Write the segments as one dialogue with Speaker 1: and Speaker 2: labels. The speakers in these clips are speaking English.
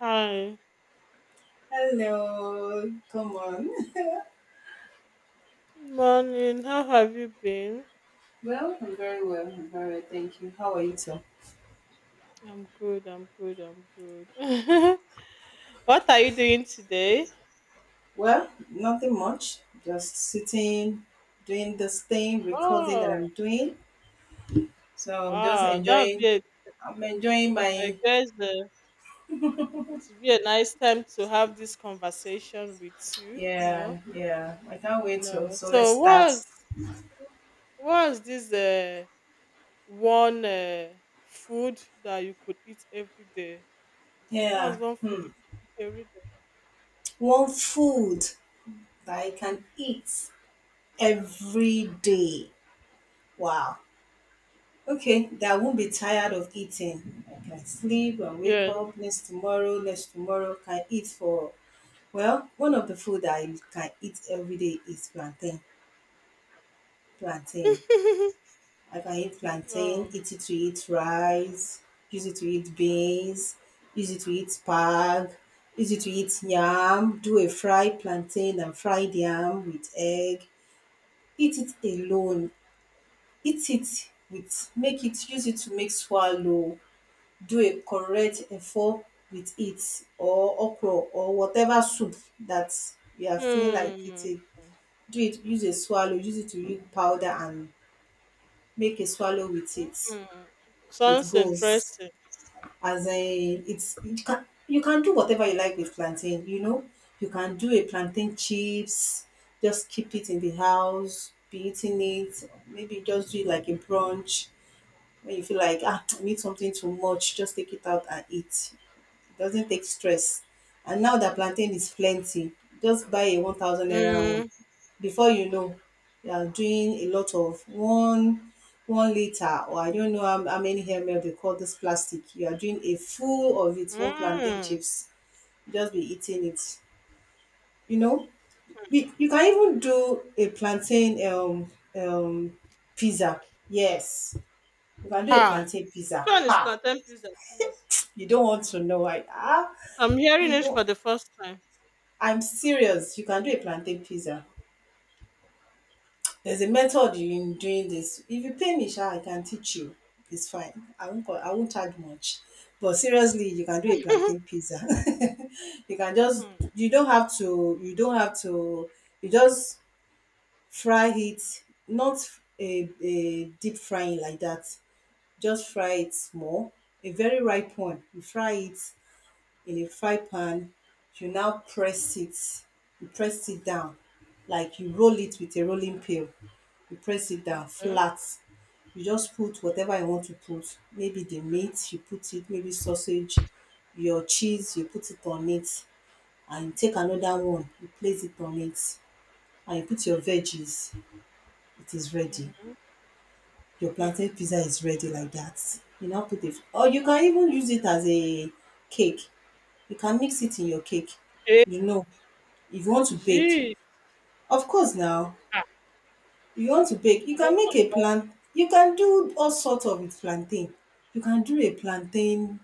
Speaker 1: Hi,
Speaker 2: Hello, come on.
Speaker 1: morning. How have you been?
Speaker 2: I'm very well. I'm very well, thank you. How are you too?
Speaker 1: I'm good. I'm good. What are you doing today?
Speaker 2: Well, nothing much. Just sitting, doing this thing, recording that
Speaker 1: Oh,
Speaker 2: I'm doing. So I'm just
Speaker 1: wow. That'll be.
Speaker 2: enjoying.
Speaker 1: A,
Speaker 2: I'm enjoying
Speaker 1: I
Speaker 2: my.
Speaker 1: guess uh, it would be a nice time to have this conversation with you. You know.
Speaker 2: Yeah, yeah. I can't wait to.
Speaker 1: No.
Speaker 2: So let's
Speaker 1: So
Speaker 2: start.
Speaker 1: what's what's this uh, one uh, food that you could eat every day? What's
Speaker 2: Yeah.
Speaker 1: one food you
Speaker 2: Hmm.
Speaker 1: could eat every day?
Speaker 2: One food that I can eat every day. Wow. Okay, that I won't be tired of eating. I can sleep and wake
Speaker 1: Yeah.
Speaker 2: up next tomorrow, next tomorrow. Can eat for, well, one of the food I can eat every day is plantain. Plantain. I can eat plantain,
Speaker 1: Oh.
Speaker 2: eat it to eat rice, use it to eat beans, use it to eat spag, use it to eat yam, do a fried plantain and fried yam with egg. Eat it alone. Eat it with, make it, use it to make swallow, do a correct efo with it, or okro or whatever soup that you are feeling like
Speaker 1: Hmm.
Speaker 2: eating. Do it, use a swallow, use it to make powder and make a swallow with it.
Speaker 1: Mm,
Speaker 2: It
Speaker 1: sounds
Speaker 2: goes
Speaker 1: interesting.
Speaker 2: as a, it's, you can, you can do whatever you like with plantain, you know, you can do a plantain chips, just keep it in the house, be eating it, maybe just do it like a brunch. When you feel like ah, I need something too much, just take it out and eat. Doesn't take stress. And now that plantain is plenty, just buy a 1,000 naira one.
Speaker 1: Mm,
Speaker 2: Before you know, you are doing a lot of one liter, or I don't know how many ml they call this plastic. You are doing a full of it, one plantain
Speaker 1: mm.
Speaker 2: chips. Just be eating it. You know, we, you can even do a plantain pizza. Yes, you can do a
Speaker 1: Ha.
Speaker 2: plantain
Speaker 1: Which
Speaker 2: pizza.
Speaker 1: one is
Speaker 2: Ha!
Speaker 1: plantain pizza, please?
Speaker 2: You don't want to know.
Speaker 1: I'm hearing
Speaker 2: If
Speaker 1: it
Speaker 2: you,
Speaker 1: for the first time.
Speaker 2: I'm serious. You can do a plantain pizza. There's a method in doing this. If you pay me, sha, I can teach you. It's fine. I won't. I won't charge much. But seriously, you can do a plantain pizza. You can just.
Speaker 1: Hmm,
Speaker 2: You don't have to. You don't have to. You just fry it. Not a deep frying like that. Just fry it small. A very ripe one. You fry it in a fry pan, you now press it, you press it down, like you roll it with a rolling pin, you press it down
Speaker 1: okay.
Speaker 2: flat. You just put whatever you want to put, maybe the meat you put it, maybe sausage, your cheese you put it on it, and you take another one, you place it on it and you put your veggies, it is ready.
Speaker 1: Mm-hmm.
Speaker 2: Your
Speaker 1: Hmm.
Speaker 2: plantain pizza is ready like that. You now put it. Or you can even use it as a cake. You can mix it in your cake,
Speaker 1: Eh,
Speaker 2: you know, if you want to bake,
Speaker 1: gee.
Speaker 2: of course now,
Speaker 1: Ah,
Speaker 2: if you want to bake
Speaker 1: I
Speaker 2: you can
Speaker 1: don't
Speaker 2: make a plant, you can do all sort of with plantain, you can do a plantain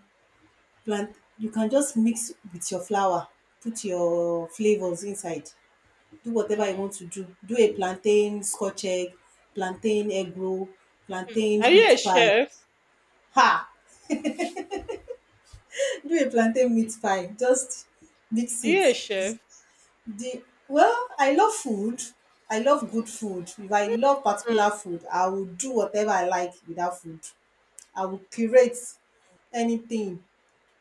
Speaker 2: plant, you can just mix with your flour, put your flavors inside, do
Speaker 1: know.
Speaker 2: whatever you want
Speaker 1: Mm.
Speaker 2: to do, do a plantain scotch egg, plantain egg roll, plantain
Speaker 1: Are you a
Speaker 2: meat pie.
Speaker 1: chef?
Speaker 2: Ha! Do a plantain meat pie, just mix
Speaker 1: Are
Speaker 2: it.
Speaker 1: you a chef?
Speaker 2: The Well, I love food. I love good food. If I love particular food, I will do whatever I like without food. I will curate anything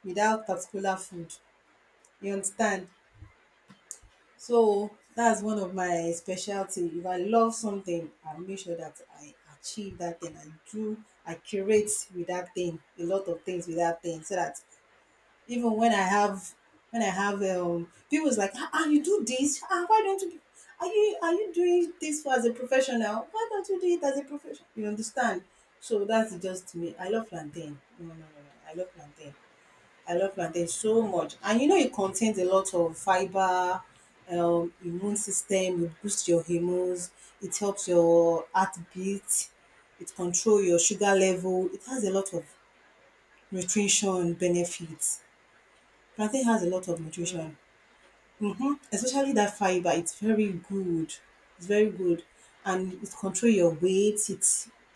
Speaker 2: without particular food. You understand? So that's one of my specialty. If I love something, I make sure that I achieve that thing. I do, I curate with that thing, a lot of things with that thing so that even when I have, when I have people's like, ah, ah, you do this? Ah, why don't you? Are you doing this for as a professional? Why don't you do it as a professional? You understand? So that's just me. I
Speaker 1: Mm,
Speaker 2: love plantain. No, no, no, no. I love plantain. I love plantain so much, and you know it contains a lot of fiber. Immune system. It boosts your hormones. It helps your heartbeat, it control your sugar level, it has a lot of nutrition benefits. Plantain has a lot of
Speaker 1: okay.
Speaker 2: nutrition. Hmm, especially that fiber, it's very good, it's very good, and it control your weight, it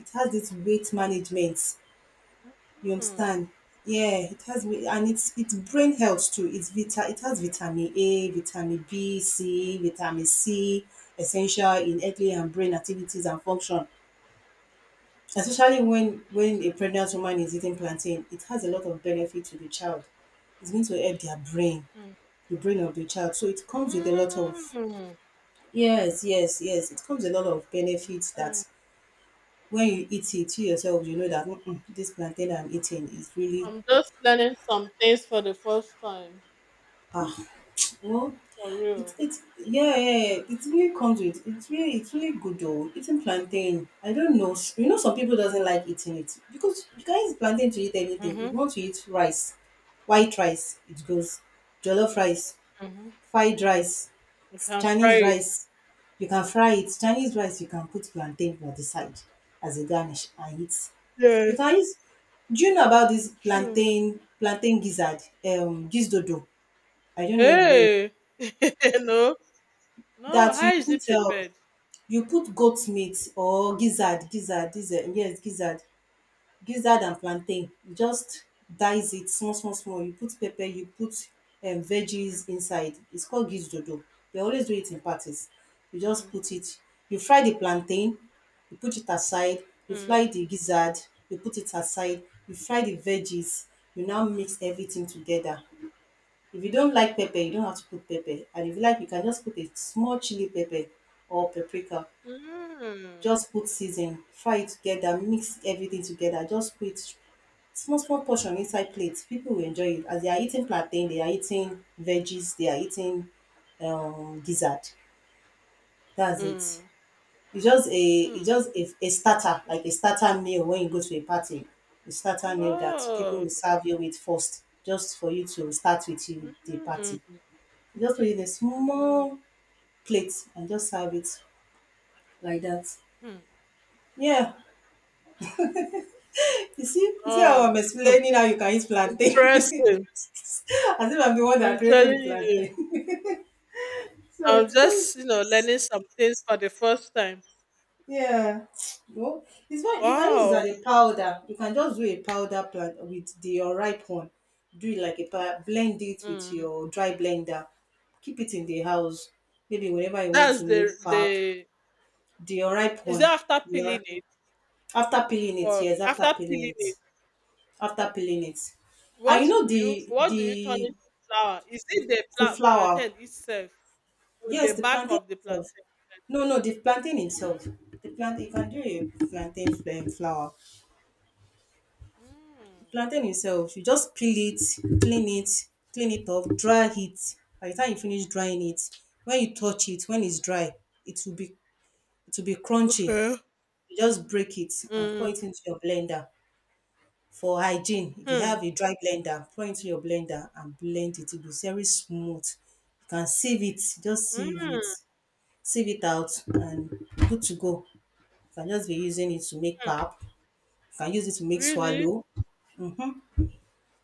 Speaker 2: it has this weight management, you
Speaker 1: Mm,
Speaker 2: understand. Yeah, it has weight, and it's brain health too, it has vitamin A, vitamin B C, vitamin C, essential in early and brain activities and function, especially when a pregnant woman is eating plantain, it has a lot of benefit to the child. It's going to help their brain,
Speaker 1: mm,
Speaker 2: the brain of the child. So it comes with a lot of,
Speaker 1: mm,
Speaker 2: yes, yes, yes. It comes with a lot of benefits
Speaker 1: mm.
Speaker 2: that when you eat it, you yourself you know that, "Mm-mm, this plantain I'm eating is really
Speaker 1: I'm just learning some things for the first time.
Speaker 2: ah." Well.
Speaker 1: For
Speaker 2: It,
Speaker 1: real.
Speaker 2: it yeah yeah yeah, it really comes with, it's really, it's really good though, eating plantain. I don't know, you know, some people doesn't like eating it, because you can use plantain to eat anything. If
Speaker 1: Mm-hmm.
Speaker 2: you want to eat rice, white rice, it goes, jollof rice,
Speaker 1: Mm-hmm.
Speaker 2: fried rice,
Speaker 1: You can fry
Speaker 2: Chinese
Speaker 1: it.
Speaker 2: rice, you can fry it. Chinese rice, you can put plantain for the side as a garnish and eat.
Speaker 1: Yeah,
Speaker 2: You can use, do you know about this
Speaker 1: true.
Speaker 2: plantain gizzard, this, I don't know if you know it.
Speaker 1: Hey! No. No,
Speaker 2: That
Speaker 1: how is it prepared?
Speaker 2: you put goat meat or gizzard, yes, gizzard. Gizzard and plantain, you just dice it small small small, you put pepper, you put veggies inside, it's called gizdodo. They always do it in parties. You just
Speaker 1: Mm,
Speaker 2: put it, you fry the plantain, you put it aside, you
Speaker 1: mm,
Speaker 2: fry the gizzard, you put it aside, you fry the veggies, you now mix everything together. If you don't like pepper, you don't have to put pepper, and if you like you can just put a small chili pepper or paprika.
Speaker 1: mm,
Speaker 2: Just put season, fry it together, mix everything together, just put small small portion inside plate. People will enjoy it as they are eating plantain, they are eating veggies, they are eating gizzard. That's it.
Speaker 1: mm,
Speaker 2: It's just a,
Speaker 1: mm.
Speaker 2: a starter, like a starter meal when you go to a party, a starter meal that people will
Speaker 1: Oh.
Speaker 2: serve you with first, just for you to start with you the
Speaker 1: Mm,
Speaker 2: party. You just put it in a
Speaker 1: mm,
Speaker 2: small plate and just serve it like that,
Speaker 1: mm.
Speaker 2: yeah. You see how I'm
Speaker 1: Oh,
Speaker 2: explaining how you can eat plantain.
Speaker 1: interesting.
Speaker 2: As if I'm the one
Speaker 1: I'm
Speaker 2: that created
Speaker 1: telling
Speaker 2: the
Speaker 1: you.
Speaker 2: plantain. So
Speaker 1: I'm
Speaker 2: it
Speaker 1: just,
Speaker 2: comes,
Speaker 1: you know, learning some things for the first time.
Speaker 2: yeah. Well, it's not, you can use it
Speaker 1: Wow.
Speaker 2: as a powder. You can just do a powder plant with the unripe one. Do it like a blend it with
Speaker 1: Mm.
Speaker 2: your dry blender. Keep it in the house. Maybe whenever you want
Speaker 1: That's
Speaker 2: to make pap,
Speaker 1: the
Speaker 2: the unripe
Speaker 1: is it
Speaker 2: one.
Speaker 1: after
Speaker 2: The
Speaker 1: peeling it
Speaker 2: After peeling it,
Speaker 1: or
Speaker 2: yes,
Speaker 1: after
Speaker 2: after peeling
Speaker 1: peeling
Speaker 2: it,
Speaker 1: it?
Speaker 2: after peeling it.
Speaker 1: What
Speaker 2: And you know
Speaker 1: do you what do you turn into flour? Is it the
Speaker 2: the flour.
Speaker 1: plantain itself? With the
Speaker 2: Yes, the
Speaker 1: back
Speaker 2: plantain
Speaker 1: of the
Speaker 2: itself.
Speaker 1: plantain.
Speaker 2: No, no, the plantain
Speaker 1: Mm.
Speaker 2: itself. The plantain, you can do a flour. The
Speaker 1: Mm.
Speaker 2: plantain itself, you just peel it, clean it, clean it off, dry it. By the time you finish drying it, when you touch it, when it's dry, it will be it will be crunchy.
Speaker 1: Okay.
Speaker 2: You just break it and pour it
Speaker 1: Mm.
Speaker 2: into your blender for hygiene. If you
Speaker 1: Hmm.
Speaker 2: have a dry blender, pour it into your blender and blend it. It will be very smooth. You can sieve it, just
Speaker 1: Mm.
Speaker 2: sieve it out, and good to go. You can just be using it to make pap. You can use it to make
Speaker 1: Really?
Speaker 2: swallow.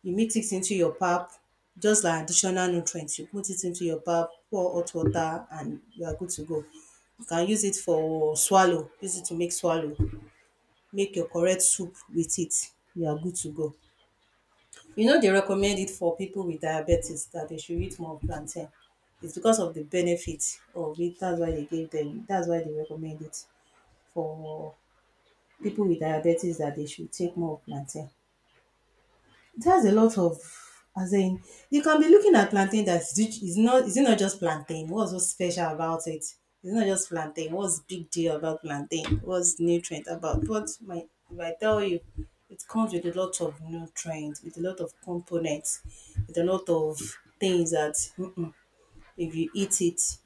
Speaker 2: You mix it into your pap, just like additional nutrients. You put it into your pap, pour hot water, and you are good to go. You can use it for swallow. Use it to make swallow. Make your correct soup with it. You are good to go. You know they recommend it for people with diabetes that they should eat more plantain. It's because of the benefit of it. That's why they gave them. That's why they recommend it for people with diabetes that they should take more plantain. That's a lot of, as in, you can be looking at plantain that is not, is it not just plantain? What's so special about it? It's not just plantain. What's big deal about plantain? What's nutrient about? But my, if I tell you, it comes with a lot of nutrients, with a lot of components, with a lot of things that, mm-mm, if you eat it,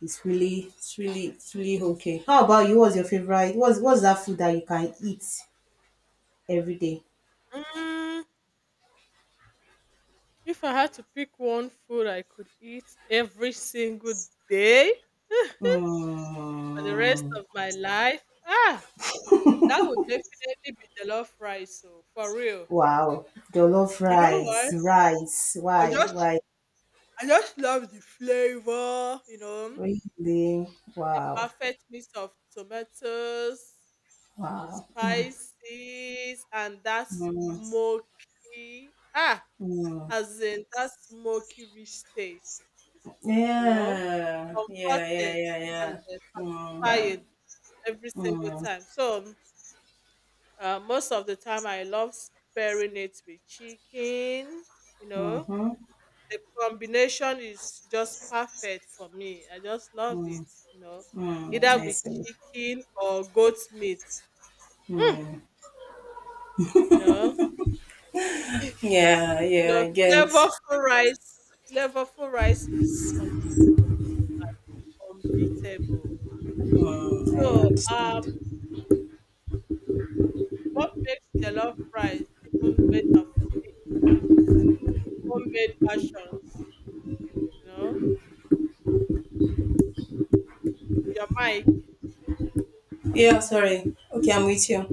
Speaker 2: it's really it's really okay. How about you? What's your favorite? What's that food that you can eat every day?
Speaker 1: Mm. If I had to pick one food I could eat every single day for the rest
Speaker 2: Mm.
Speaker 1: of my life, ah, that would definitely be jollof rice. So for real,
Speaker 2: Wow, jollof
Speaker 1: you know why?
Speaker 2: rice,
Speaker 1: I just
Speaker 2: why,
Speaker 1: I just love the flavor. You know,
Speaker 2: really?
Speaker 1: the
Speaker 2: Wow,
Speaker 1: perfect mix of tomatoes.
Speaker 2: wow.
Speaker 1: Spices and that
Speaker 2: Mm,
Speaker 1: smoky,
Speaker 2: mm.
Speaker 1: as in that smoky rich taste, you know,
Speaker 2: Yeah,
Speaker 1: it's
Speaker 2: yeah, yeah,
Speaker 1: comforting
Speaker 2: yeah, yeah.
Speaker 1: and
Speaker 2: Mm,
Speaker 1: satisfying every single
Speaker 2: mm,
Speaker 1: time. Most of the time, I love pairing it with chicken. You know,
Speaker 2: mm-hmm,
Speaker 1: the combination is just perfect for me. I just love
Speaker 2: mm,
Speaker 1: it. You know,
Speaker 2: mm,
Speaker 1: either
Speaker 2: I
Speaker 1: with
Speaker 2: see.
Speaker 1: chicken or goat meat. Mm,
Speaker 2: Mm.
Speaker 1: you know.
Speaker 2: Yeah,
Speaker 1: You
Speaker 2: yeah,
Speaker 1: know,
Speaker 2: I get.
Speaker 1: flavorful rice, unbeatable.
Speaker 2: Mm, I
Speaker 1: So, um,
Speaker 2: understand.
Speaker 1: what makes jollof rice even better for me is homemade versions. You know, your mic,
Speaker 2: Yeah, sorry. Okay, I'm with you.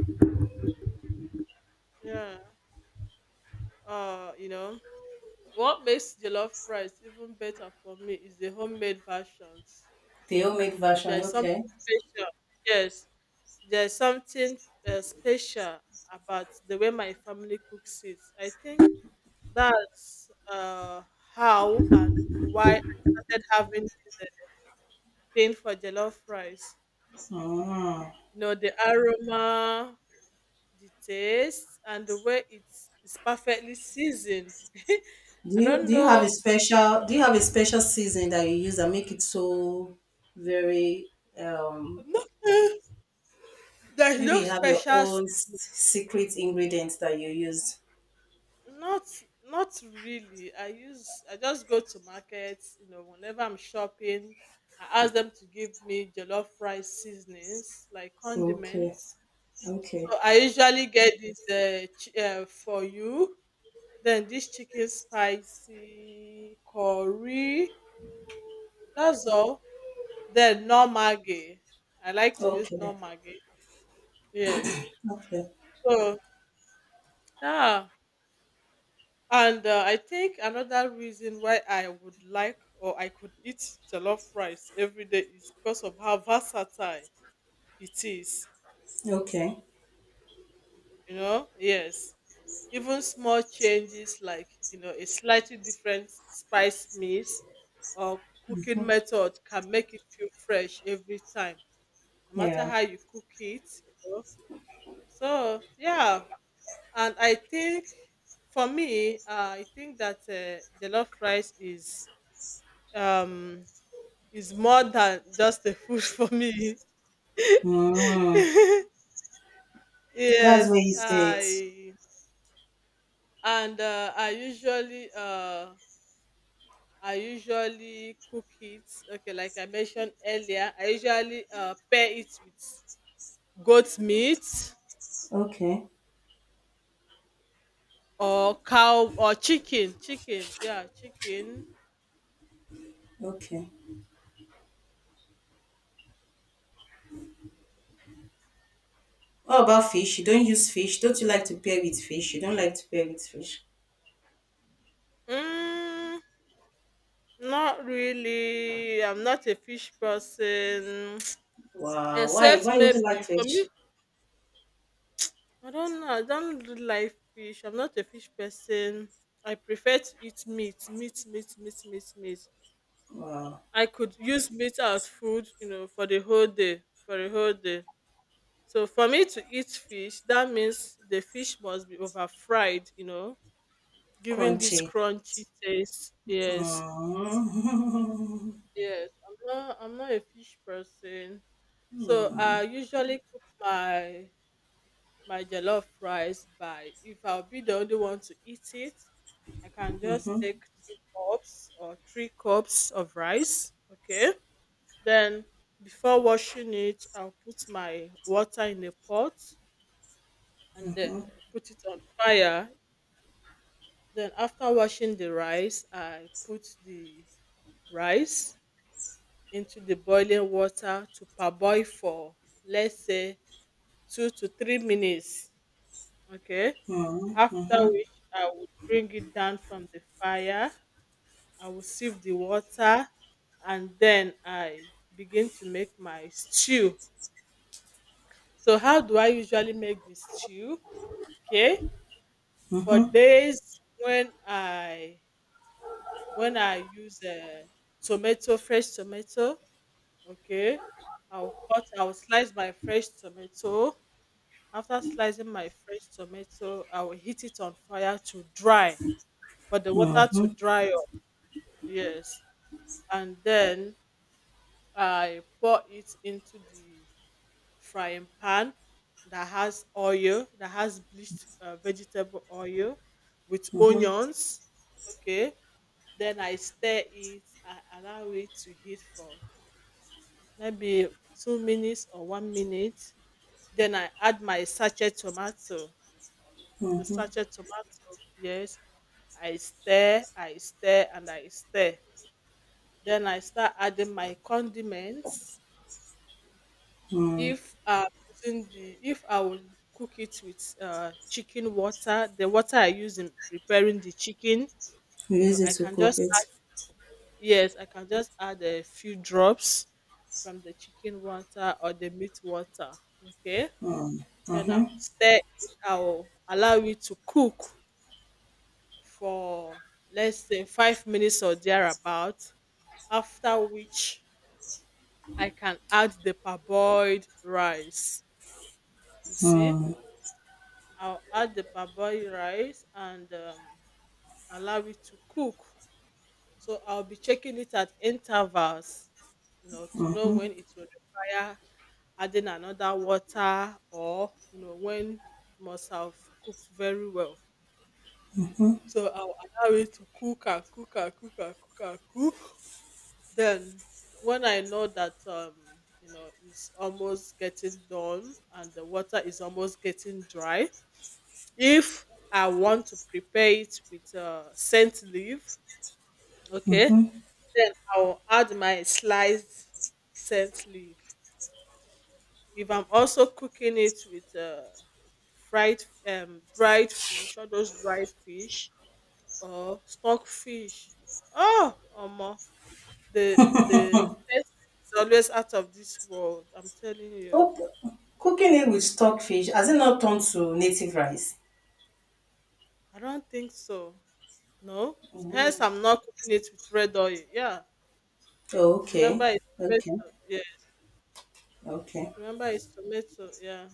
Speaker 1: yeah. You know, what makes jollof rice even better for me is the homemade versions.
Speaker 2: The homemade
Speaker 1: You know,
Speaker 2: version,
Speaker 1: there's something
Speaker 2: okay.
Speaker 1: special. Yes, there's something special about the way my family cooks it. I think that's how and why I started having this thing for jollof rice.
Speaker 2: Mm.
Speaker 1: You know, the aroma, the taste, and the way it's perfectly seasoned.
Speaker 2: Do
Speaker 1: I
Speaker 2: you
Speaker 1: don't
Speaker 2: do you have
Speaker 1: know.
Speaker 2: a special season that you use that make it so very um
Speaker 1: Not, there's
Speaker 2: maybe
Speaker 1: no
Speaker 2: you have your
Speaker 1: special. se-
Speaker 2: own secret ingredients that you use.
Speaker 1: Not not really. I just go to markets. You know, whenever I'm shopping, I ask them to give me jollof rice seasonings like
Speaker 2: Okay.
Speaker 1: condiments.
Speaker 2: Okay.
Speaker 1: So I usually get this for you. Then this chicken spicy curry. That's all. Then no maggi. I like to use no
Speaker 2: Okay.
Speaker 1: maggi. Yes.
Speaker 2: Okay.
Speaker 1: So yeah, and I think another reason why I would like or I could eat jollof rice every day is because of how versatile it is.
Speaker 2: Okay.
Speaker 1: You know, yes, even small changes like, you know, a slightly different spice mix or cooking
Speaker 2: Mhm.
Speaker 1: method can make it feel fresh every time, no matter
Speaker 2: Yeah.
Speaker 1: how you cook it, you know. So yeah, and I think for me, I think that jollof rice um is more than just a food for me.
Speaker 2: Mm. That's where
Speaker 1: yes
Speaker 2: you say it.
Speaker 1: i and uh, i usually uh I usually cook it. Okay, like I mentioned earlier, I usually pair it with goat meat
Speaker 2: Okay.
Speaker 1: or cow or chicken. Chicken, yeah, chicken.
Speaker 2: Okay. What about fish? You don't use fish. Don't you like to pair with fish? You don't like to pair with fish.
Speaker 1: Mm, not really. I'm not a fish person.
Speaker 2: Wow. Why
Speaker 1: Except
Speaker 2: why you don't like
Speaker 1: maybe for me.
Speaker 2: fish?
Speaker 1: I don't know. I don't really like fish. I'm not a fish person. I prefer to eat meat, meat, meat, meat, meat, meat.
Speaker 2: Wow.
Speaker 1: I could use meat as food, you know, for the whole day. For the whole day. So for me to eat fish, that means the fish must be over fried, you know, giving this
Speaker 2: Crunchy.
Speaker 1: crunchy taste. Yes.
Speaker 2: It
Speaker 1: Yes. I'm not a fish person. So I usually cook my jollof rice by, if I'll be the only one to eat it, I can just take two cups or three cups of rice. Okay. Then before washing it, I'll put my water in the pot and put it on fire. Then after washing the rice, I put the rice into the boiling water to parboil for, let's say, 2 to 3 minutes. Okay. After which I would bring it down from the fire. I will sieve the water and then I begin to make my stew. So how do I usually make the stew? Okay. For days when I use tomato, fresh tomato, okay, I'll slice my fresh tomato. After slicing my fresh tomato, I will heat it on fire to dry, for the water to dry up. Yes. And then I pour it into the frying pan that has oil, that has bleached vegetable oil with onions. Okay. Then I stir it. I allow it to heat for maybe 2 minutes or one minute. Then I add my sachet tomato. The sachet tomato, yes. I stir. Then I start adding my condiments. If I will cook it with chicken water, the water I use in preparing the chicken, you know,
Speaker 2: is it
Speaker 1: I
Speaker 2: to
Speaker 1: can
Speaker 2: cook
Speaker 1: just
Speaker 2: it.
Speaker 1: yes, I can just add a few drops from the chicken water or the meat water. Okay.
Speaker 2: Mm,
Speaker 1: Then
Speaker 2: mhm,
Speaker 1: I'll stir it. I'll allow it to cook for, let's say, 5 minutes or thereabout. After which I can add the parboiled rice. You see,
Speaker 2: mm,
Speaker 1: I'll add the parboiled rice and allow it to cook. So I'll be checking it at intervals, you know, to know
Speaker 2: mhm.
Speaker 1: when it will require adding another water, or you know when it must have cooked very well. So I'll allow it to cook and cook and cook and cook and cook. Then when I know that you know it's almost getting done and the water is almost getting dry, if I want to prepare it with scent leaf, okay, then I'll add my sliced scent leaf. If I'm also cooking it with fried dried fish, all those dried fish or stock fish, oh omo, the the taste is always out of this world, I'm telling you.
Speaker 2: Oh, cooking it with stockfish has it not turned to native rice?
Speaker 1: I don't think so. No, hence
Speaker 2: Mm.
Speaker 1: I'm not cooking it with red oil. Yeah,
Speaker 2: Oh,
Speaker 1: remember
Speaker 2: okay,
Speaker 1: it's
Speaker 2: okay,
Speaker 1: tomato. Yes,
Speaker 2: okay.
Speaker 1: remember it's tomato. Yeah.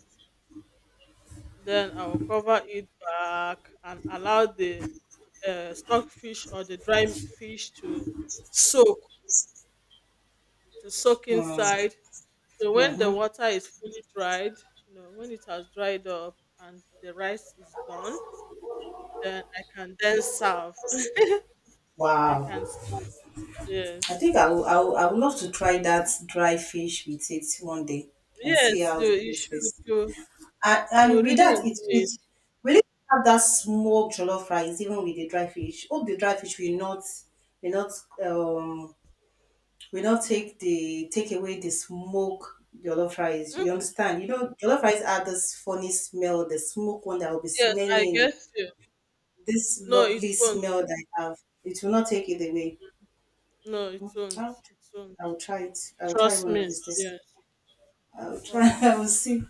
Speaker 1: Then I will cover it back and allow the stockfish or the dry fish to soak, to soak
Speaker 2: Mm,
Speaker 1: inside. So when the
Speaker 2: mhm.
Speaker 1: water is fully dried, you know, when it has dried up and the rice is done, then I can then serve. I can
Speaker 2: Wow.
Speaker 1: serve.
Speaker 2: I
Speaker 1: Yes,
Speaker 2: think I would love to try that dry fish with it one day and
Speaker 1: yes,
Speaker 2: see how it
Speaker 1: you should.
Speaker 2: tastes.
Speaker 1: You
Speaker 2: And,
Speaker 1: you will
Speaker 2: and with
Speaker 1: really
Speaker 2: that, it
Speaker 1: enjoy it.
Speaker 2: it we need have that smoked jollof rice, even with the dry fish. Hope the dry fish will not um will not take the take away the smoke jollof rice.
Speaker 1: Mm,
Speaker 2: You understand? You know, jollof rice have this funny smell, the smoke one that will be
Speaker 1: yes, I
Speaker 2: smelling
Speaker 1: get you.
Speaker 2: this
Speaker 1: No, it
Speaker 2: lovely
Speaker 1: won't.
Speaker 2: smell that I have. It will not take it away.
Speaker 1: No, it won't.
Speaker 2: I'll,
Speaker 1: It won't.
Speaker 2: I'll try it. I'll try
Speaker 1: Trust
Speaker 2: one of
Speaker 1: me.
Speaker 2: these days.
Speaker 1: Yes.
Speaker 2: I'll try.
Speaker 1: Trust me.
Speaker 2: I will see.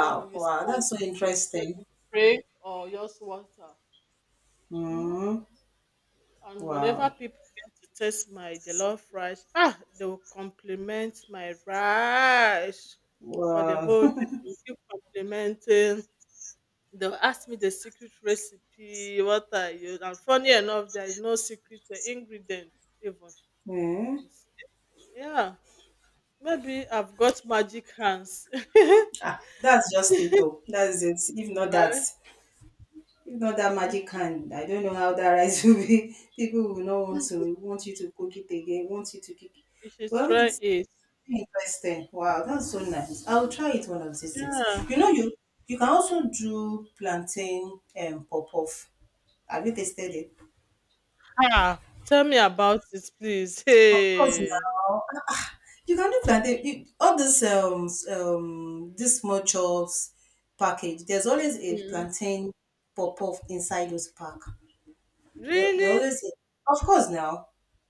Speaker 1: So you
Speaker 2: wow,
Speaker 1: see,
Speaker 2: that's so
Speaker 1: you said
Speaker 2: interesting.
Speaker 1: with spray or just water. Hmm.
Speaker 2: Mm,
Speaker 1: And whenever
Speaker 2: wow.
Speaker 1: people get to taste my jollof rice, ah, they will compliment my rice for the
Speaker 2: Wow.
Speaker 1: whole day. They will keep complimenting. They'll ask me the secret recipe, what I use. And funny enough, there is no secret ingredient even.
Speaker 2: Hmm.
Speaker 1: You see. Yeah, maybe I've got magic hands.
Speaker 2: Ah, that's just it though. That's it.
Speaker 1: Right?
Speaker 2: If not that magic hand, I don't know how that rice will be. People will not want to want you to cook it again, want you to cook it.
Speaker 1: You should
Speaker 2: Well,
Speaker 1: try
Speaker 2: it's
Speaker 1: it.
Speaker 2: really interesting. Wow, that's so nice. I'll try it one of these days.
Speaker 1: Yeah.
Speaker 2: You know, you can also do plantain and pop off. Have you tasted it?
Speaker 1: Ah, tell me about it, please.
Speaker 2: Of course
Speaker 1: Hey.
Speaker 2: now. You can look like all this this small chops package. There's always a
Speaker 1: Mm.
Speaker 2: plantain pop off inside those pack. They
Speaker 1: Really?
Speaker 2: always of course now.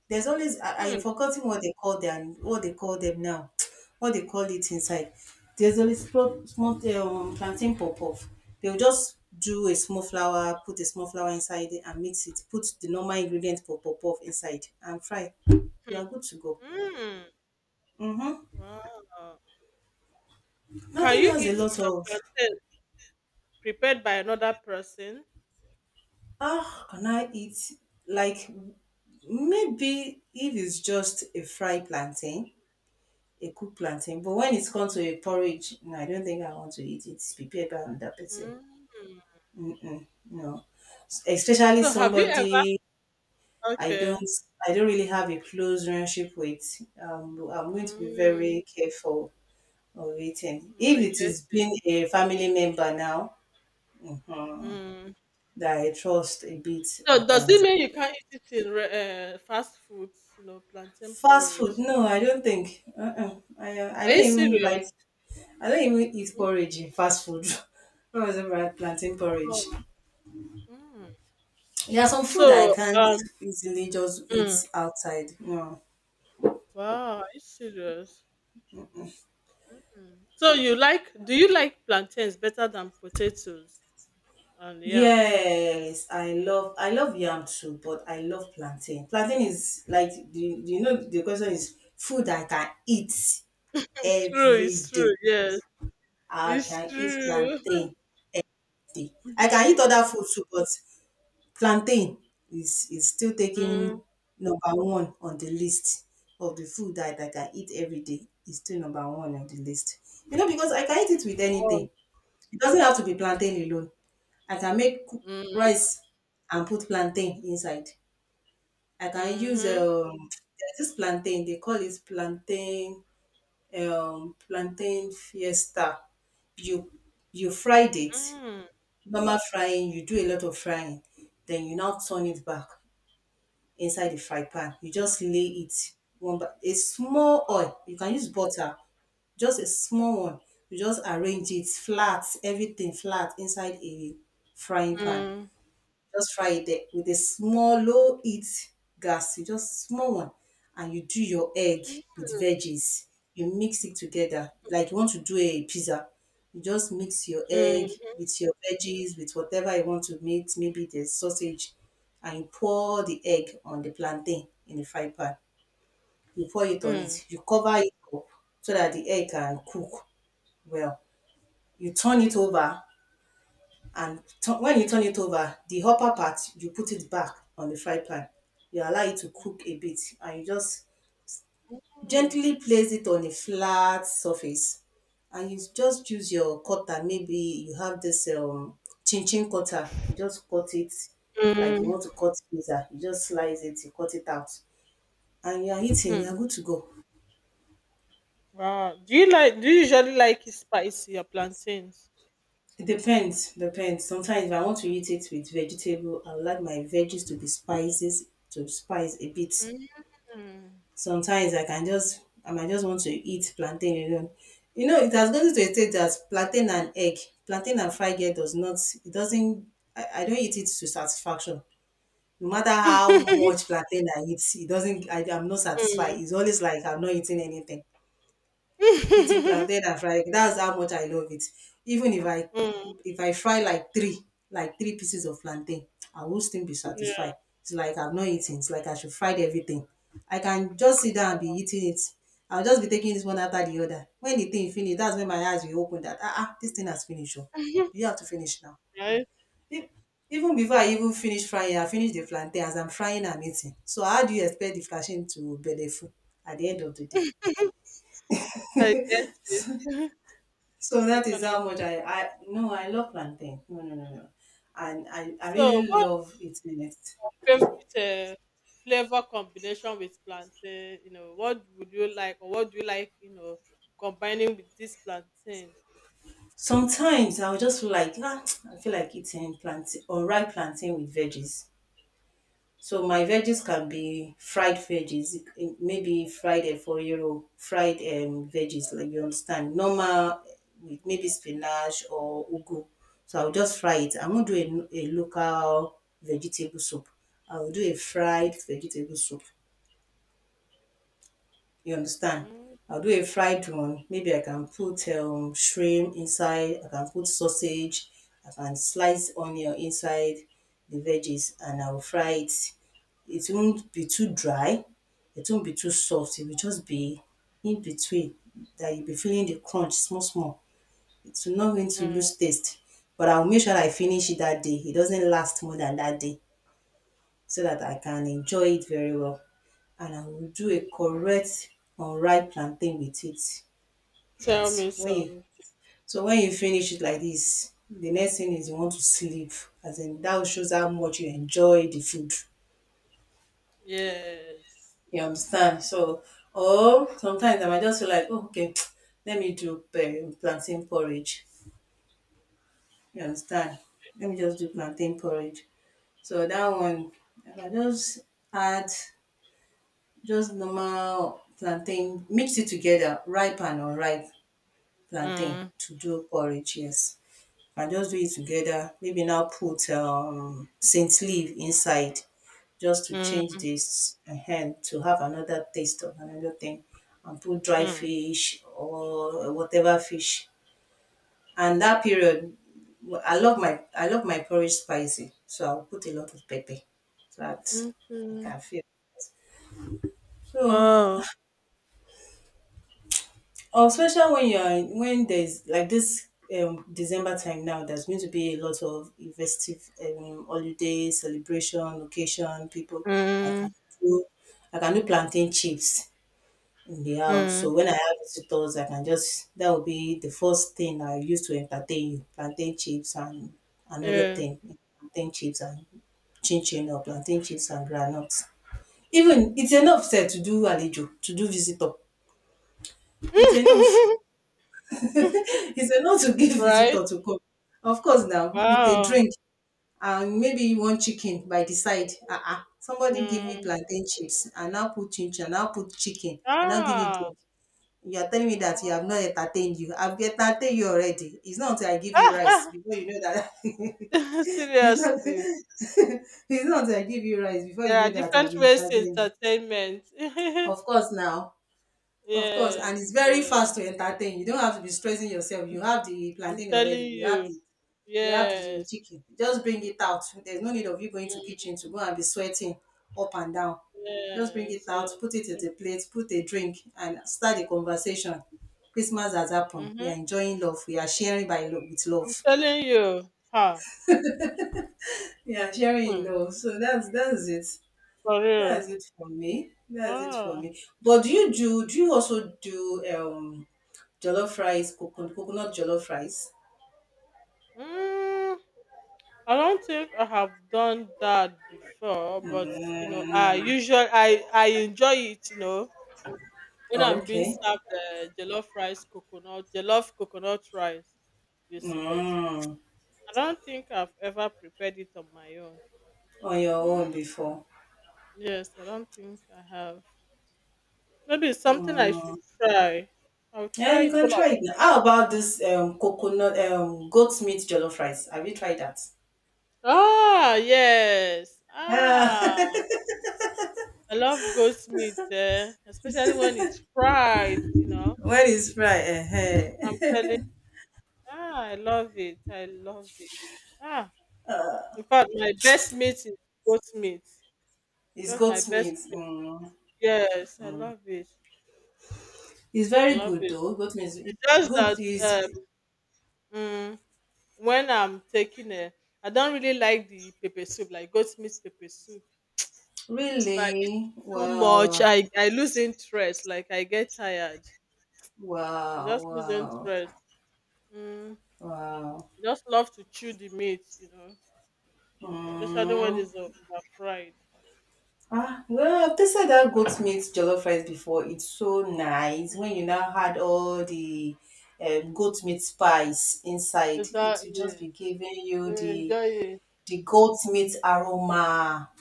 Speaker 2: There's always
Speaker 1: Hmm,
Speaker 2: I've forgotten what they call them now. What they call it inside. There's always small plantain pop off. They'll just do a small flour, put a small flour inside it and mix it. Put the normal ingredient for pop off inside and fry. You
Speaker 1: hmm,
Speaker 2: are good to go.
Speaker 1: hmm.
Speaker 2: Mm-hmm.
Speaker 1: Wow. Can
Speaker 2: Nothing
Speaker 1: you
Speaker 2: has a
Speaker 1: eat
Speaker 2: lot
Speaker 1: the
Speaker 2: of
Speaker 1: plantain prepared by another person?
Speaker 2: ah, can I eat? Like maybe if it's just a fried plantain, a cooked plantain. But when it's come to a porridge, no, I don't think I want to eat it. It's prepared by another person.
Speaker 1: Mm.
Speaker 2: No, especially
Speaker 1: So have you ever
Speaker 2: somebody I
Speaker 1: Okay.
Speaker 2: don't I don't really have a close relationship with. I'm going to be
Speaker 1: Mm.
Speaker 2: very careful of eating.
Speaker 1: Oh,
Speaker 2: If
Speaker 1: I
Speaker 2: it
Speaker 1: get
Speaker 2: is
Speaker 1: it.
Speaker 2: being a family member now
Speaker 1: Mm.
Speaker 2: that I trust a bit,
Speaker 1: So
Speaker 2: I
Speaker 1: does
Speaker 2: can.
Speaker 1: it mean you can't eat it in fast foods, you know, plantain
Speaker 2: Fast food?
Speaker 1: porridge?
Speaker 2: No, I don't think. Uh-uh. I
Speaker 1: Are
Speaker 2: don't
Speaker 1: you
Speaker 2: even
Speaker 1: serious?
Speaker 2: like. I don't even eat
Speaker 1: Mm.
Speaker 2: porridge in fast food. When I was ever at Plantain porridge.
Speaker 1: Wow. Mm.
Speaker 2: There are some food I
Speaker 1: So
Speaker 2: can't
Speaker 1: um
Speaker 2: easily just eat
Speaker 1: mm.
Speaker 2: outside. No.
Speaker 1: Wow, are you serious? Mm. So, you like, do you like plantains better than potatoes and yams?
Speaker 2: Yes, I love yam too, but I love plantain. Plantain is like do you, you know the question is food I can eat
Speaker 1: True,
Speaker 2: every
Speaker 1: it's
Speaker 2: day.
Speaker 1: true, yes.
Speaker 2: I
Speaker 1: It's
Speaker 2: can eat
Speaker 1: true.
Speaker 2: plantain day. I can eat
Speaker 1: Mm-hmm.
Speaker 2: other food too, but plantain is still taking
Speaker 1: Mm.
Speaker 2: number one on the list of the food that I can eat every day. It's still number one on the list. You know, because I can eat it with
Speaker 1: Wow.
Speaker 2: anything. It doesn't have to be plantain alone. I can make cook
Speaker 1: Mm.
Speaker 2: rice and put plantain inside. I can use
Speaker 1: Hmm.
Speaker 2: there's this plantain, they call it plantain plantain fiesta. You you fried it,
Speaker 1: Mm.
Speaker 2: normal frying, you do a lot of frying, then you now turn it back inside the fry pan. You just lay it one by a small oil. You can use butter, just a small one. You just arrange it flat, everything flat inside a frying pan.
Speaker 1: Mm.
Speaker 2: Just fry it there with a small low heat gas, you just small one and you do your egg with veggies. You mix it together like you want to do a pizza. You just mix your egg with your veggies, with whatever you want to mix, maybe the sausage, and you pour the egg on the plantain in the fry pan. You pour it
Speaker 1: Mm.
Speaker 2: on
Speaker 1: Mm.
Speaker 2: it. You cover it up so that the egg can cook well. You turn it over and when you turn it over the upper part you put it back on the fry pan you allow it to cook a bit and you just
Speaker 1: Mm.
Speaker 2: gently place it on a flat surface and you just use your cutter maybe you have this chin chin cutter you just cut it like you
Speaker 1: Mm.
Speaker 2: want to cut pizza you just slice it you cut it out and you are eating
Speaker 1: Mm.
Speaker 2: you are good to go.
Speaker 1: Wow. Do you like, do you usually like it spicy, your plantains?
Speaker 2: It depends, depends. Sometimes if I want to eat it with vegetable I would like my veggies to be spices to spice a bit.
Speaker 1: Mm.
Speaker 2: Sometimes I might just want to eat plantain alone. You know, it has gotten to a stage that plantain and egg, plantain and fried egg does not it doesn't I don't eat it to satisfaction. No matter how
Speaker 1: Mm.
Speaker 2: much plantain I eat, it doesn't I'm not satisfied. It's always like I'm not eating anything eating plantain and frying. That's how much I love it. Even
Speaker 1: Mm.
Speaker 2: if I fry like three pieces of plantain, I will still be
Speaker 1: Yeah.
Speaker 2: satisfied. It's like I've not eaten. It's like I should fry everything. I can just sit down and be eating it. I'll just be taking this one after the other. When the thing finish, that's when my eyes will open that ah, ah this thing has finished. Oh. You have to finish now.
Speaker 1: Right?
Speaker 2: E- Even before I even finish frying, I finish the plantain. As I'm frying, I'm eating. So how do you expect the cashew to be full at the end of the day?
Speaker 1: I get it.
Speaker 2: So
Speaker 1: I
Speaker 2: that is
Speaker 1: can.
Speaker 2: how much I love plantain. No, no, no, no. And I
Speaker 1: So,
Speaker 2: really
Speaker 1: what
Speaker 2: love eating it.
Speaker 1: favorite flavor combination with plantain? You know, what would you like, or what do you like, you know, combining with this plantain?
Speaker 2: Sometimes I'll just feel like ah, I feel like eating plantain or ripe plantain with veggies. So my
Speaker 1: Mm-hmm.
Speaker 2: veggies can be fried veggies, eh, maybe fried for euro, fried veggies like you understand, normal with maybe spinach or ugu. So I'll just fry it. I won't do a local vegetable soup. I'll do a fried vegetable soup. You understand? I'll do a fried one. Maybe I can put shrimp inside. I can put sausage. I can slice onion inside the veggies, and I'll fry it. It won't be too dry. It won't be too soft. It will just be in between that you'll be feeling the crunch small small. It's not going to
Speaker 1: Mm-hmm.
Speaker 2: lose taste. But I'll make sure I finish it that day. It doesn't last more than that day so that I can enjoy it very well and I will do a correct unripe plantain with it. That
Speaker 1: Tell me
Speaker 2: when you
Speaker 1: some.
Speaker 2: so when you finish it like this, the next thing is you want to sleep. As in that shows how much you enjoy the food.
Speaker 1: Yes.
Speaker 2: You understand? So or sometimes I might just feel like, oh, okay, let me do plantain porridge. You understand? Let me just do plantain porridge. So that one, I might just add just normal plantain, mix it together, ripe and unripe plantain
Speaker 1: Mm.
Speaker 2: to do porridge, yes. And just do it together, maybe now put scent leaf inside just to change
Speaker 1: Mm-hmm.
Speaker 2: this to have another taste of another thing and put dry fish or whatever fish. And that period I love my porridge spicy, so I'll put a lot of pepper so that I
Speaker 1: Okay.
Speaker 2: can feel. So
Speaker 1: Wow.
Speaker 2: or especially when you are when there's like this December time now, there's going to be a lot of festive holiday celebration, occasion. People, I
Speaker 1: Mm-hmm.
Speaker 2: can do, I can do plantain chips in the house. So when I have visitors, I can just that will be the first thing I use to entertain you: plantain chips and another
Speaker 1: Yeah.
Speaker 2: thing, plantain chips and chin chin or plantain chips and groundnuts. Even it's enough said to do alejo, to do visitor. It's enough. It's enough to give
Speaker 1: Right.
Speaker 2: visitor to come. Of course, now with a
Speaker 1: Wow.
Speaker 2: drink and maybe you want chicken by the side. Uh-uh. Somebody give you
Speaker 1: Mm.
Speaker 2: plantain chips and now put chinch and now put chicken and now give you
Speaker 1: Ah.
Speaker 2: drink. You are telling me that
Speaker 1: Wow.
Speaker 2: you have not entertained you. I've entertained you already. It's not until I give you rice before you know that. It's not.
Speaker 1: Seriously.
Speaker 2: It's not until I give you rice before
Speaker 1: There are
Speaker 2: you know that I've
Speaker 1: different ways to
Speaker 2: entertained you.
Speaker 1: entertainment.
Speaker 2: Of course, now. Of course, and it's
Speaker 1: Yes,
Speaker 2: very
Speaker 1: yes.
Speaker 2: fast to entertain. You don't have to be stressing yourself. You have the
Speaker 1: I'm
Speaker 2: plantain
Speaker 1: telling
Speaker 2: already.
Speaker 1: you.
Speaker 2: You have the
Speaker 1: Yes.
Speaker 2: chicken, just bring it out. There's no need of you going to
Speaker 1: Mm,
Speaker 2: kitchen to go and be sweating up and down. Just bring it
Speaker 1: yes, yes.
Speaker 2: out, put it at a plate, put a drink and start the conversation. Christmas has happened, we are
Speaker 1: Mm-hmm.
Speaker 2: enjoying love, we are sharing by with
Speaker 1: I'm
Speaker 2: love,
Speaker 1: telling you. Huh.
Speaker 2: yeah, sharing in
Speaker 1: Hmm.
Speaker 2: love. So that's it.
Speaker 1: For real.
Speaker 2: That's it for me, that's it for
Speaker 1: Oh.
Speaker 2: me. But do you do do you also do jollof rice, coconut, coconut jollof rice?
Speaker 1: Mm, I don't think I have done that before, but you know, I
Speaker 2: Mm.
Speaker 1: usually I enjoy it, you know, when
Speaker 2: Oh,
Speaker 1: I'm being
Speaker 2: okay.
Speaker 1: served jollof rice coconut, jollof coconut rice, you see, but
Speaker 2: Mm.
Speaker 1: I don't think I've ever prepared it on my own.
Speaker 2: On your own
Speaker 1: Mm,
Speaker 2: before.
Speaker 1: yes, I don't think I have. Maybe it's something I should try. I'll
Speaker 2: Yeah,
Speaker 1: try
Speaker 2: you
Speaker 1: it
Speaker 2: can
Speaker 1: one of
Speaker 2: try it now.
Speaker 1: these
Speaker 2: How
Speaker 1: days.
Speaker 2: about this coconut goat meat jollof rice? Have you tried that?
Speaker 1: Ah, yes. Ah,
Speaker 2: Uh,
Speaker 1: I love goat's meat, eh? Especially when it's fried, you know.
Speaker 2: when it's fried,
Speaker 1: I'm telling Ah, I love it. I love it. Ah, in fact, my best meat is goat's meat.
Speaker 2: it's
Speaker 1: That's
Speaker 2: goat
Speaker 1: my best.
Speaker 2: meat. Mm,
Speaker 1: Yes, I
Speaker 2: mm.
Speaker 1: love it.
Speaker 2: It's
Speaker 1: I
Speaker 2: very
Speaker 1: love
Speaker 2: good
Speaker 1: it.
Speaker 2: though. Goat meat is
Speaker 1: It's
Speaker 2: it's
Speaker 1: just
Speaker 2: good.
Speaker 1: that
Speaker 2: Is
Speaker 1: mm, when I'm taking I don't really like the pepper soup, like goat meat pepper soup. If I eat it
Speaker 2: really
Speaker 1: too much,
Speaker 2: wow,
Speaker 1: I lose interest. Like I get tired. I
Speaker 2: wow,
Speaker 1: just lose
Speaker 2: wow,
Speaker 1: interest. Mm,
Speaker 2: wow.
Speaker 1: I just love to chew the meat, you know, especially when
Speaker 2: Mm.
Speaker 1: it's over fried.
Speaker 2: Ah, well, I've tasted that goat meat jollof rice before. It's so nice.
Speaker 1: Mm,
Speaker 2: When you now add all the goat meat spice inside, it will just
Speaker 1: exactly.
Speaker 2: be giving you
Speaker 1: You
Speaker 2: the
Speaker 1: enjoy it.
Speaker 2: the goat meat aroma.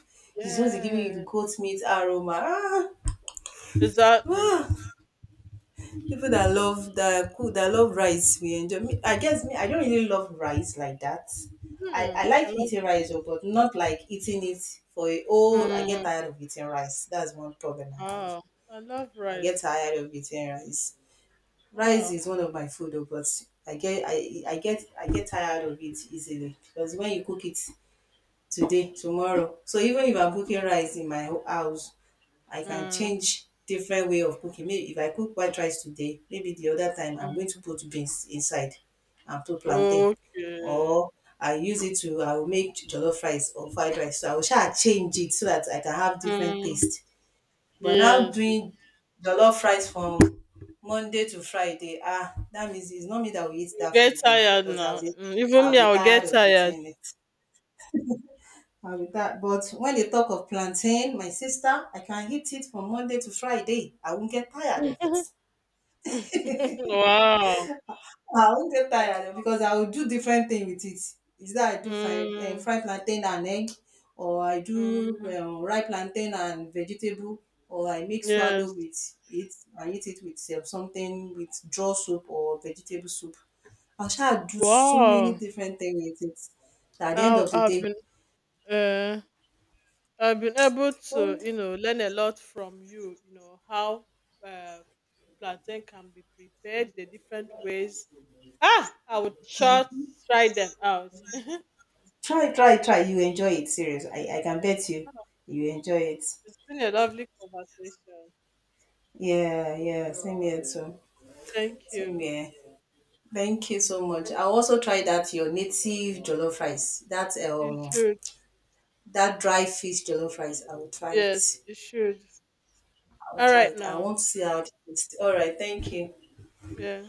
Speaker 2: It's just giving you the
Speaker 1: Yeah.
Speaker 2: goat meat aroma. Ah,
Speaker 1: Exactly.
Speaker 2: ah. People that love that cook that love rice, we enjoy. Me, I guess me, I don't really love rice like that. I,
Speaker 1: Hmm.
Speaker 2: I
Speaker 1: I
Speaker 2: like
Speaker 1: love.
Speaker 2: eating rice, oh, but not like eating it for a whole. I get
Speaker 1: Mm.
Speaker 2: tired of eating rice. That's one problem I have.
Speaker 1: Wow. I love
Speaker 2: I get
Speaker 1: rice.
Speaker 2: tired of eating rice. Rice
Speaker 1: Wow.
Speaker 2: is one of my food, oh, but I get tired of it easily because when you cook it today, tomorrow. So even if I'm cooking rice in my house, I can
Speaker 1: Mm.
Speaker 2: change different way of cooking. Maybe if I cook white rice today, maybe the other time I'm going to
Speaker 1: Mm.
Speaker 2: put beans inside and put plantain,
Speaker 1: Okay.
Speaker 2: or I use it to I will make jollof rice or fried rice. So I will try change it so that I can have different
Speaker 1: Mm.
Speaker 2: taste. But now
Speaker 1: Yes, you
Speaker 2: doing jollof rice from Monday to Friday, ah, that means it's not me that will eat that
Speaker 1: get
Speaker 2: food though,
Speaker 1: tired
Speaker 2: because
Speaker 1: now. Mm, even
Speaker 2: I'll
Speaker 1: me,
Speaker 2: be
Speaker 1: I'll get
Speaker 2: tired of
Speaker 1: tired.
Speaker 2: eating it. I'll be tired. But when they talk of plantain, my sister, I can eat it from Monday to Friday. I won't get tired of it.
Speaker 1: Wow.
Speaker 2: I won't get tired oh, because I will do different thing with it. Is that I do fry,
Speaker 1: Mm,
Speaker 2: fry plantain and egg, or I do
Speaker 1: mm,
Speaker 2: ripe plantain and vegetable, or I make swallow
Speaker 1: yes.
Speaker 2: with it and eat it with something with draw soup or vegetable soup. I shall do so many
Speaker 1: Wow.
Speaker 2: different things with it. That at the end
Speaker 1: I,
Speaker 2: of the
Speaker 1: I've
Speaker 2: day,
Speaker 1: been uh, I've been able
Speaker 2: oh,
Speaker 1: to, you know, learn a lot from you. You know how uh, plantain can be prepared, the different ways. Ah, I would sure try them out. Yes.
Speaker 2: try, try, try. You enjoy it, serious. I can bet you, you enjoy it.
Speaker 1: It's been a lovely conversation.
Speaker 2: Yeah, yeah. Same here too.
Speaker 1: Thank
Speaker 2: Same
Speaker 1: you.
Speaker 2: here. Thank you so much.
Speaker 1: Thank
Speaker 2: I'll also try that your native jollof rice. That
Speaker 1: You you should.
Speaker 2: that dry fish jollof rice. I will try
Speaker 1: Yes,
Speaker 2: it.
Speaker 1: you should.
Speaker 2: I'll
Speaker 1: All
Speaker 2: try
Speaker 1: right
Speaker 2: it. I
Speaker 1: now.
Speaker 2: want to see how it tastes. All right, thank you.
Speaker 1: Yeah.